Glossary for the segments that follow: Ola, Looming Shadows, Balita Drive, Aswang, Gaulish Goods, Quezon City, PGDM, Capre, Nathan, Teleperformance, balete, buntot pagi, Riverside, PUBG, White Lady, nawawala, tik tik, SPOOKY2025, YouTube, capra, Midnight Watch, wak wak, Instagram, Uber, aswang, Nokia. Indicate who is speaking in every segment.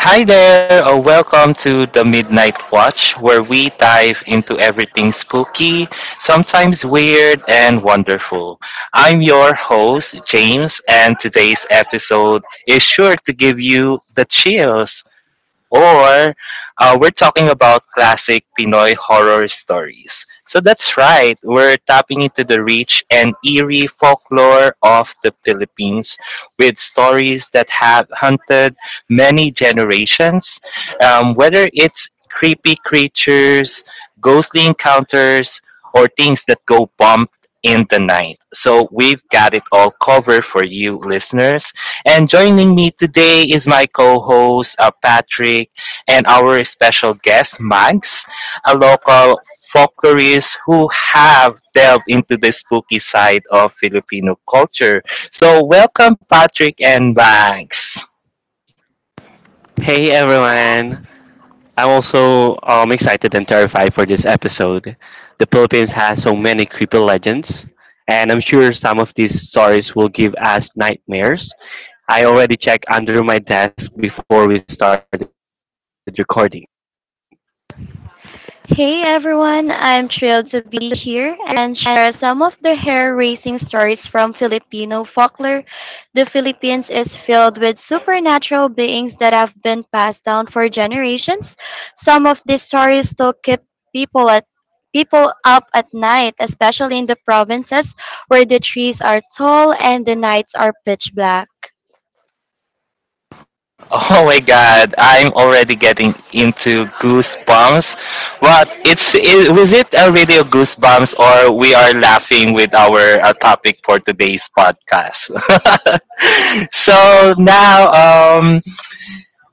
Speaker 1: Hi there, welcome to the Midnight Watch, where we dive into everything spooky, sometimes weird, and wonderful. I'm your host, James, and today's episode is sure to give you the chills or we're talking about classic Pinoy horror stories. So that's right, we're tapping into the rich and eerie folklore of the Philippines with stories that have haunted many generations, whether it's creepy creatures, ghostly encounters, or things that go bump in the night. So we've got it all covered for you listeners. And joining me today is my co host, Patrick, and our special guest, Max, a local folklorist who have delved into the spooky side of Filipino culture. So, welcome, Patrick and Max.
Speaker 2: Hey everyone! I'm also excited and terrified for this episode. The Philippines has so many creepy legends, and I'm sure some of these stories will give us nightmares. I already checked under my desk before we started recording.
Speaker 3: Hey everyone, I'm thrilled to be here and share some of the hair-raising stories from Filipino folklore. The Philippines is filled with supernatural beings that have been passed down for generations. Some of these stories still keep people at people up at night, especially in the provinces where the trees are tall and the nights are pitch black.
Speaker 1: Oh my god, I'm already getting into goosebumps. But was it a radio goosebumps or we are laughing with our topic for today's podcast? So um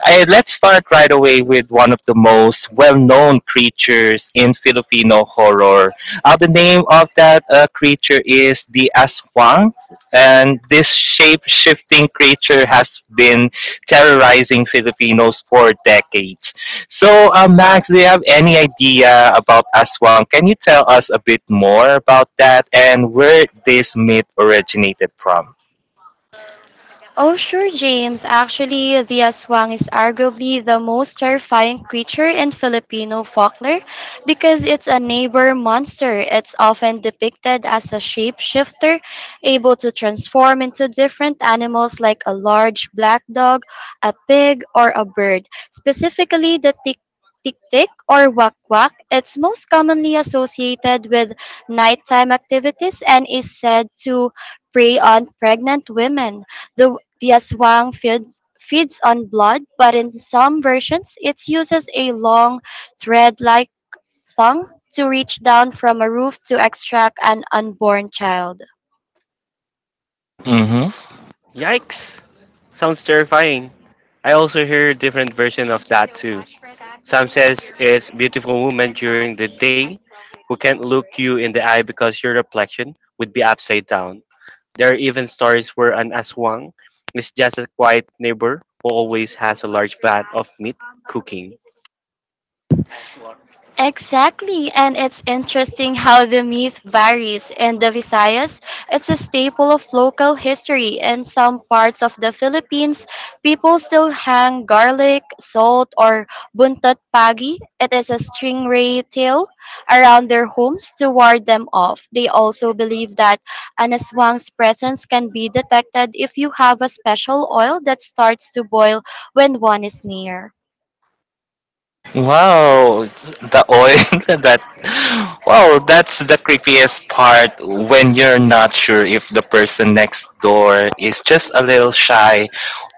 Speaker 1: Let's start right away with one of the most well-known creatures in Filipino horror. The name of that creature is the Aswang, and this shape-shifting creature has been terrorizing Filipinos for decades. So, Max, do you have any idea about Aswang? Can you tell us a bit more about that and where this myth originated from?
Speaker 3: Oh, sure, James. Actually, the aswang is arguably the most terrifying creature in Filipino folklore because it's a neighbor monster. It's often depicted as a shapeshifter, able to transform into different animals like a large black dog, a pig, or a bird. Specifically, the tik tik or wak wak. It's most commonly associated with nighttime activities and is said to prey on pregnant women. The the aswang feeds on blood, but in some versions, it uses a long thread like tongue to reach down from a roof to extract an unborn child.
Speaker 2: Yikes! Sounds terrifying. I also hear a different version of that too. Some says it's beautiful woman during the day who can't look you in the eye because your reflection would be upside down. There are even stories where an aswang is just a quiet neighbor who always has a large vat of meat cooking.
Speaker 3: Exactly, and it's interesting how the myth varies. In the Visayas, it's a staple of local history. In some parts of the Philippines, people still hang garlic, salt, or buntot pagi. It is a stingray tail around their homes to ward them off. They also believe that an aswang's presence can be detected if you have a special oil that starts to boil when one is near.
Speaker 1: Wow, the oil that's the creepiest part when you're not sure if the person next door is just a little shy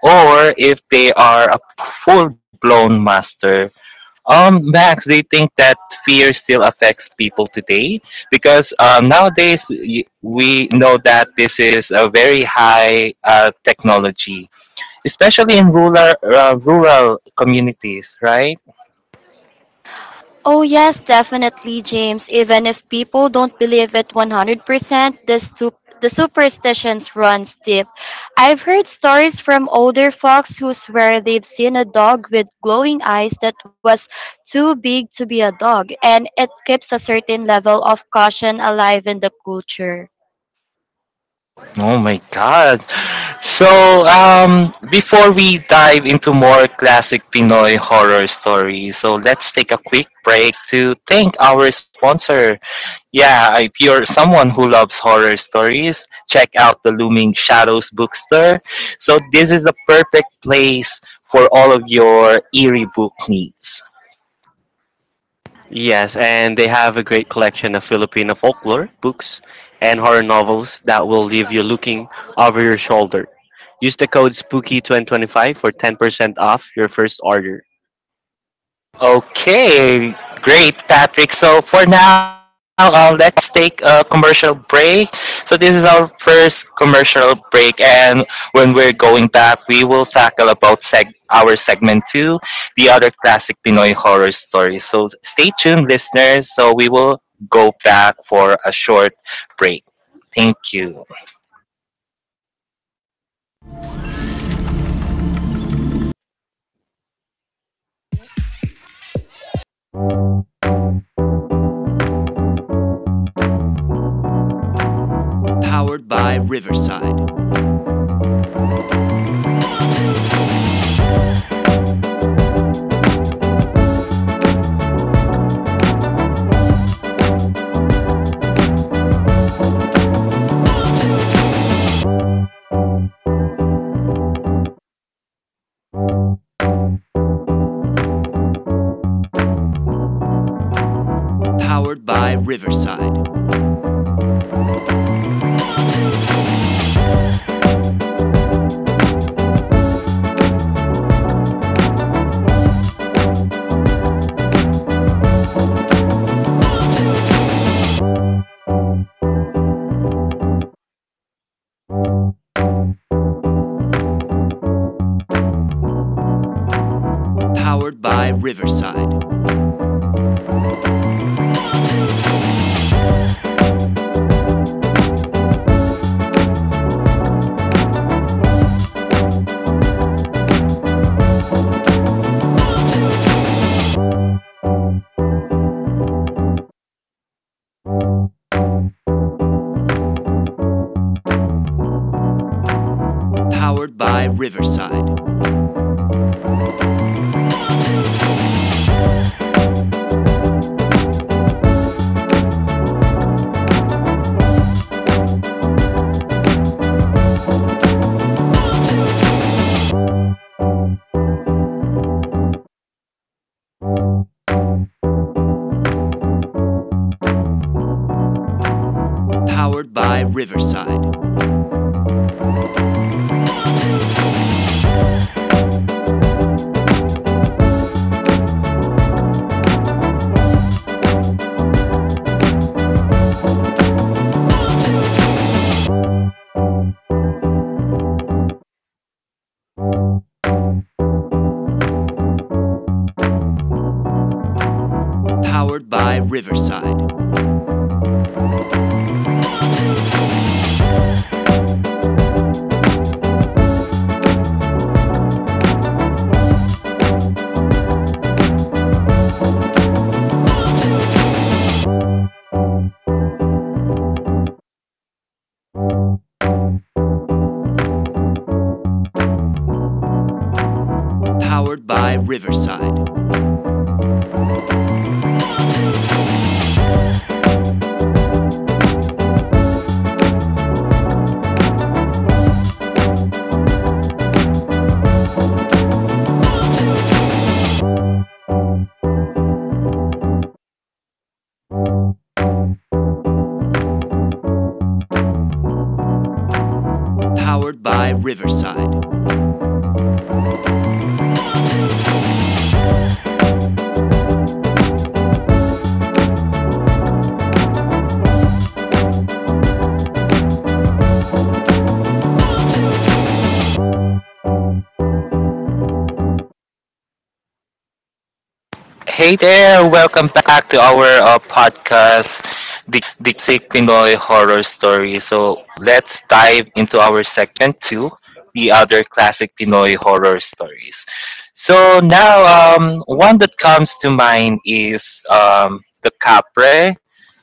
Speaker 1: or if they are a full-blown master. Max, do you think that fear still affects people today? Because nowadays we know that this is a very high technology, especially in rural communities, right?
Speaker 3: Oh, yes, definitely, James. Even if people don't believe it 100%, the, stu- the superstitions runs deep. I've heard stories from older folks who swear they've seen a dog with glowing eyes that was too big to be a dog, and it keeps a certain level of caution alive in the culture.
Speaker 1: Oh my god. So, before we dive into more classic Pinoy horror stories, so let's take a quick break to thank our sponsor. Yeah, if you're someone who loves horror stories, check out the Looming Shadows bookstore. So, this is the perfect place for all of your eerie book needs.
Speaker 2: Yes, and they have a great collection of Filipino folklore books and horror novels that will leave you looking over your shoulder. Use the code SPOOKY2025 for 10% off your first order.
Speaker 1: Okay, great, Patrick. So for now, let's take a commercial break. So this is our first commercial break, and when we're going back, we will tackle about our segment two, the other classic Pinoy horror stories. So stay tuned, listeners. So we will go back for a short break. Thank you. Hey there, welcome back to our podcast, the Sick Pinoy Horror Story. So let's dive into our segment two, the other classic Pinoy horror stories. So now, one that comes to mind is the Capre,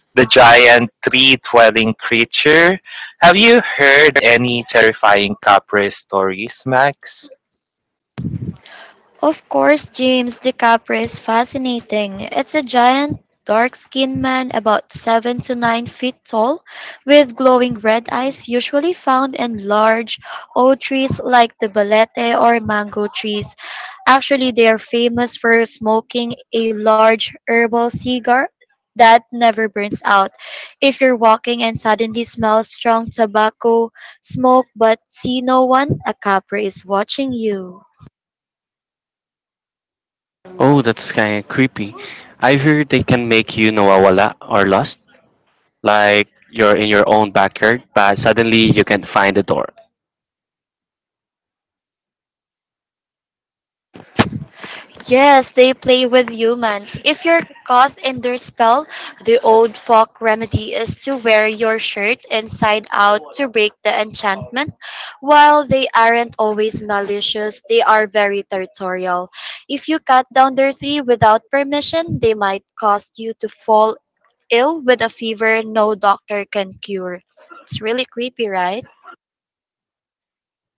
Speaker 1: the giant tree dwelling creature. Have you heard any terrifying Capre stories, Max?
Speaker 3: Of course, James DiCaprio is fascinating. It's a giant, dark skinned man about 7 to 9 feet tall, with glowing red eyes usually found in large old trees like the balete or mango trees. Actually, they are famous for smoking a large herbal cigar that never burns out. If you're walking and suddenly smell strong tobacco smoke but see no one, a capra is watching you.
Speaker 2: Oh, that's kind of creepy. I heard they can make you nawawala or lost, like you're in your own backyard, but suddenly you can't find the door.
Speaker 3: Yes, they play with humans. If you're caught in their spell, the old folk remedy is to wear your shirt inside out to break the enchantment. While they aren't always malicious, they are very territorial. If you cut down their tree without permission, they might cause you to fall ill with a fever no doctor can cure. It's really creepy, right?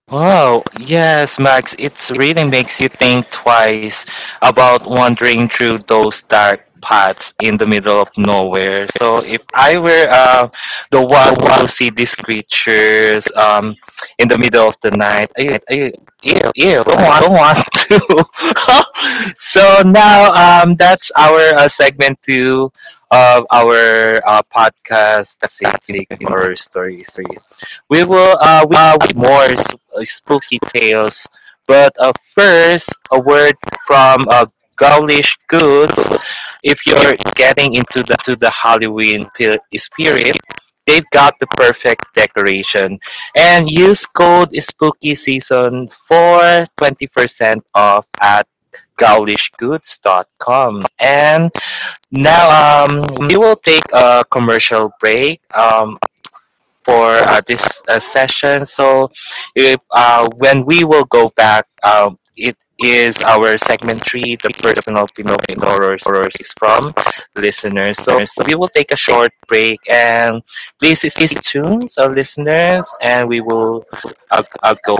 Speaker 1: Wow, yes, Max, it really makes you think twice about wandering through those dark paths in the middle of nowhere. So, if I were the one who see these creatures in the middle of the night, don't want to. so, now that's our segment two of our podcast, Classic Horror Stories. We more spooky tales. But first, a word from Gaulish Goods. If you're getting into the Halloween spirit, they've got the perfect decoration. And use code Spooky Season for 20% off at goulishgoods.com. And now we will take a commercial break. For this session. So, if, when we will go back, it is our segment three, the personal Pinoy horror stories from listeners. So, we will take a short break and please stay tuned, so listeners, and we will go.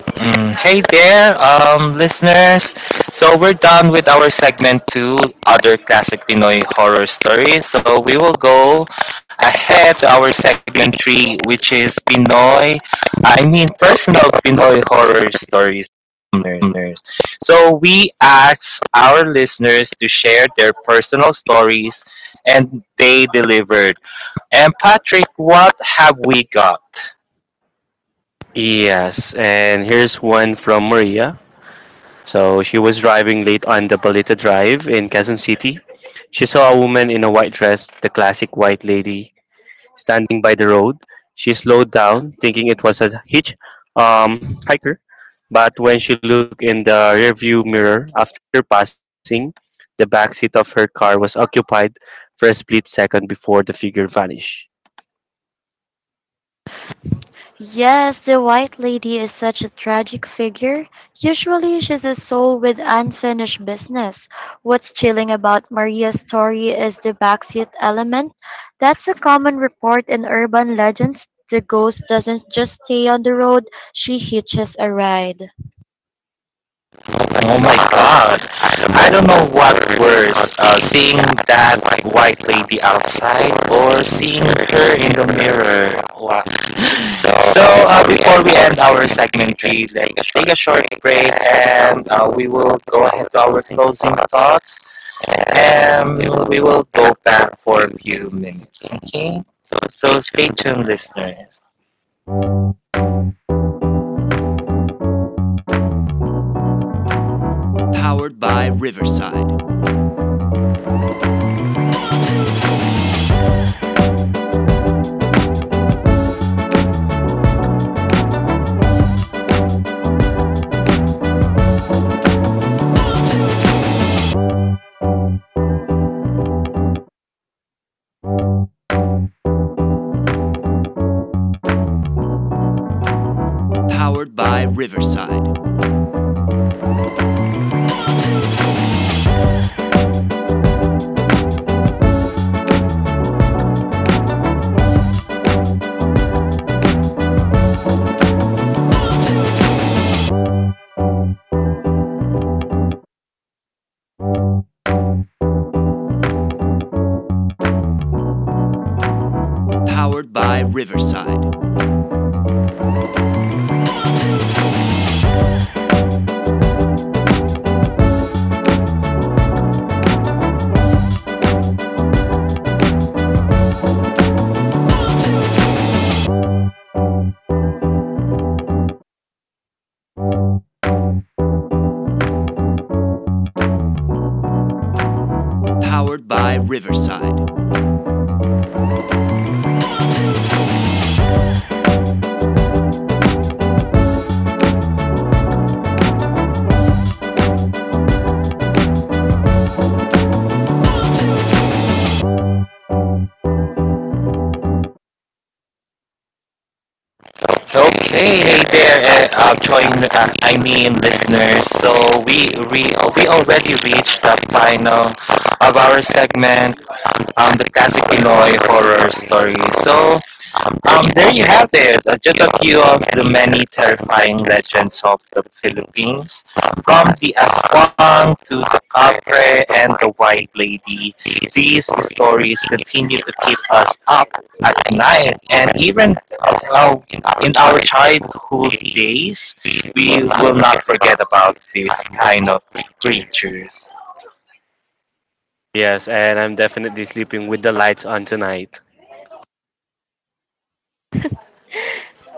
Speaker 1: Mm, hey there, listeners. So we're done with our segment two, other classic Pinoy horror stories. So we will go ahead to our segment three, which is Pinoy. I mean, personal Pinoy horror stories, listeners. So we ask our listeners to share their personal stories, and they delivered. And Patrick, what have we got?
Speaker 2: Yes, and here's one from Maria. So she was driving late on the Balita Drive in Quezon City. She saw a woman in a white dress, the classic white lady, standing by the road. She slowed down, thinking it was a hitch hiker. But when she looked in the rearview mirror after passing, the back seat of her car was occupied for a split second before the figure vanished.
Speaker 3: Yes, the White Lady is such a tragic figure. Usually, she's a soul with unfinished business. What's chilling about Maria's story is the backseat element. That's a common report in urban legends. The ghost doesn't just stay on the road, she hitches a ride.
Speaker 1: Oh my god. I don't know what worse, seeing that white lady outside or seeing her in the mirror. Wow. So, before we end our segment 3, let's take a short break and we will go ahead to our closing thoughts, and we will go back for a few minutes. Okay? So, stay tuned, listeners. Okay, hey there, I mean listeners. So we already reached the final of our segment, the classic Pinoy horror story. So there you have it, just a few of the many terrifying legends of the Philippines, from the aswang to the capre and the white lady. These stories continue to keep us up at night, and even well, in our childhood days, we will not forget about these kind of creatures.
Speaker 2: Yes, and I'm definitely sleeping with the lights on tonight.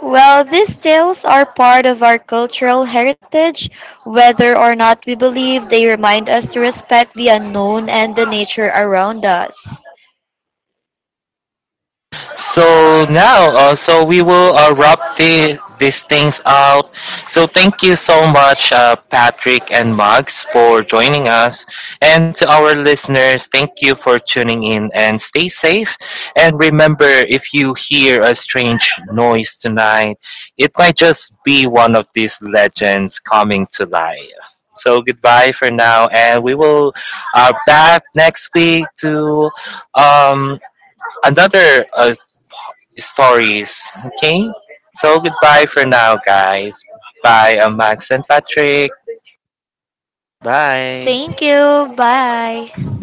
Speaker 3: Well, these tales are part of our cultural heritage. Whether or not we believe, they remind us to respect the unknown and the nature around us.
Speaker 1: So now, so we will wrap these things out. So thank you so much, Patrick and Max, for joining us. And to our listeners, thank you for tuning in and stay safe. And remember, if you hear a strange noise tonight, it might just be one of these legends coming to life. So goodbye for now, and we will are back next week to um, another stories. Okay? So goodbye for now, guys. Bye. I'm Max and Patrick.
Speaker 2: Bye.
Speaker 3: Thank you. Bye.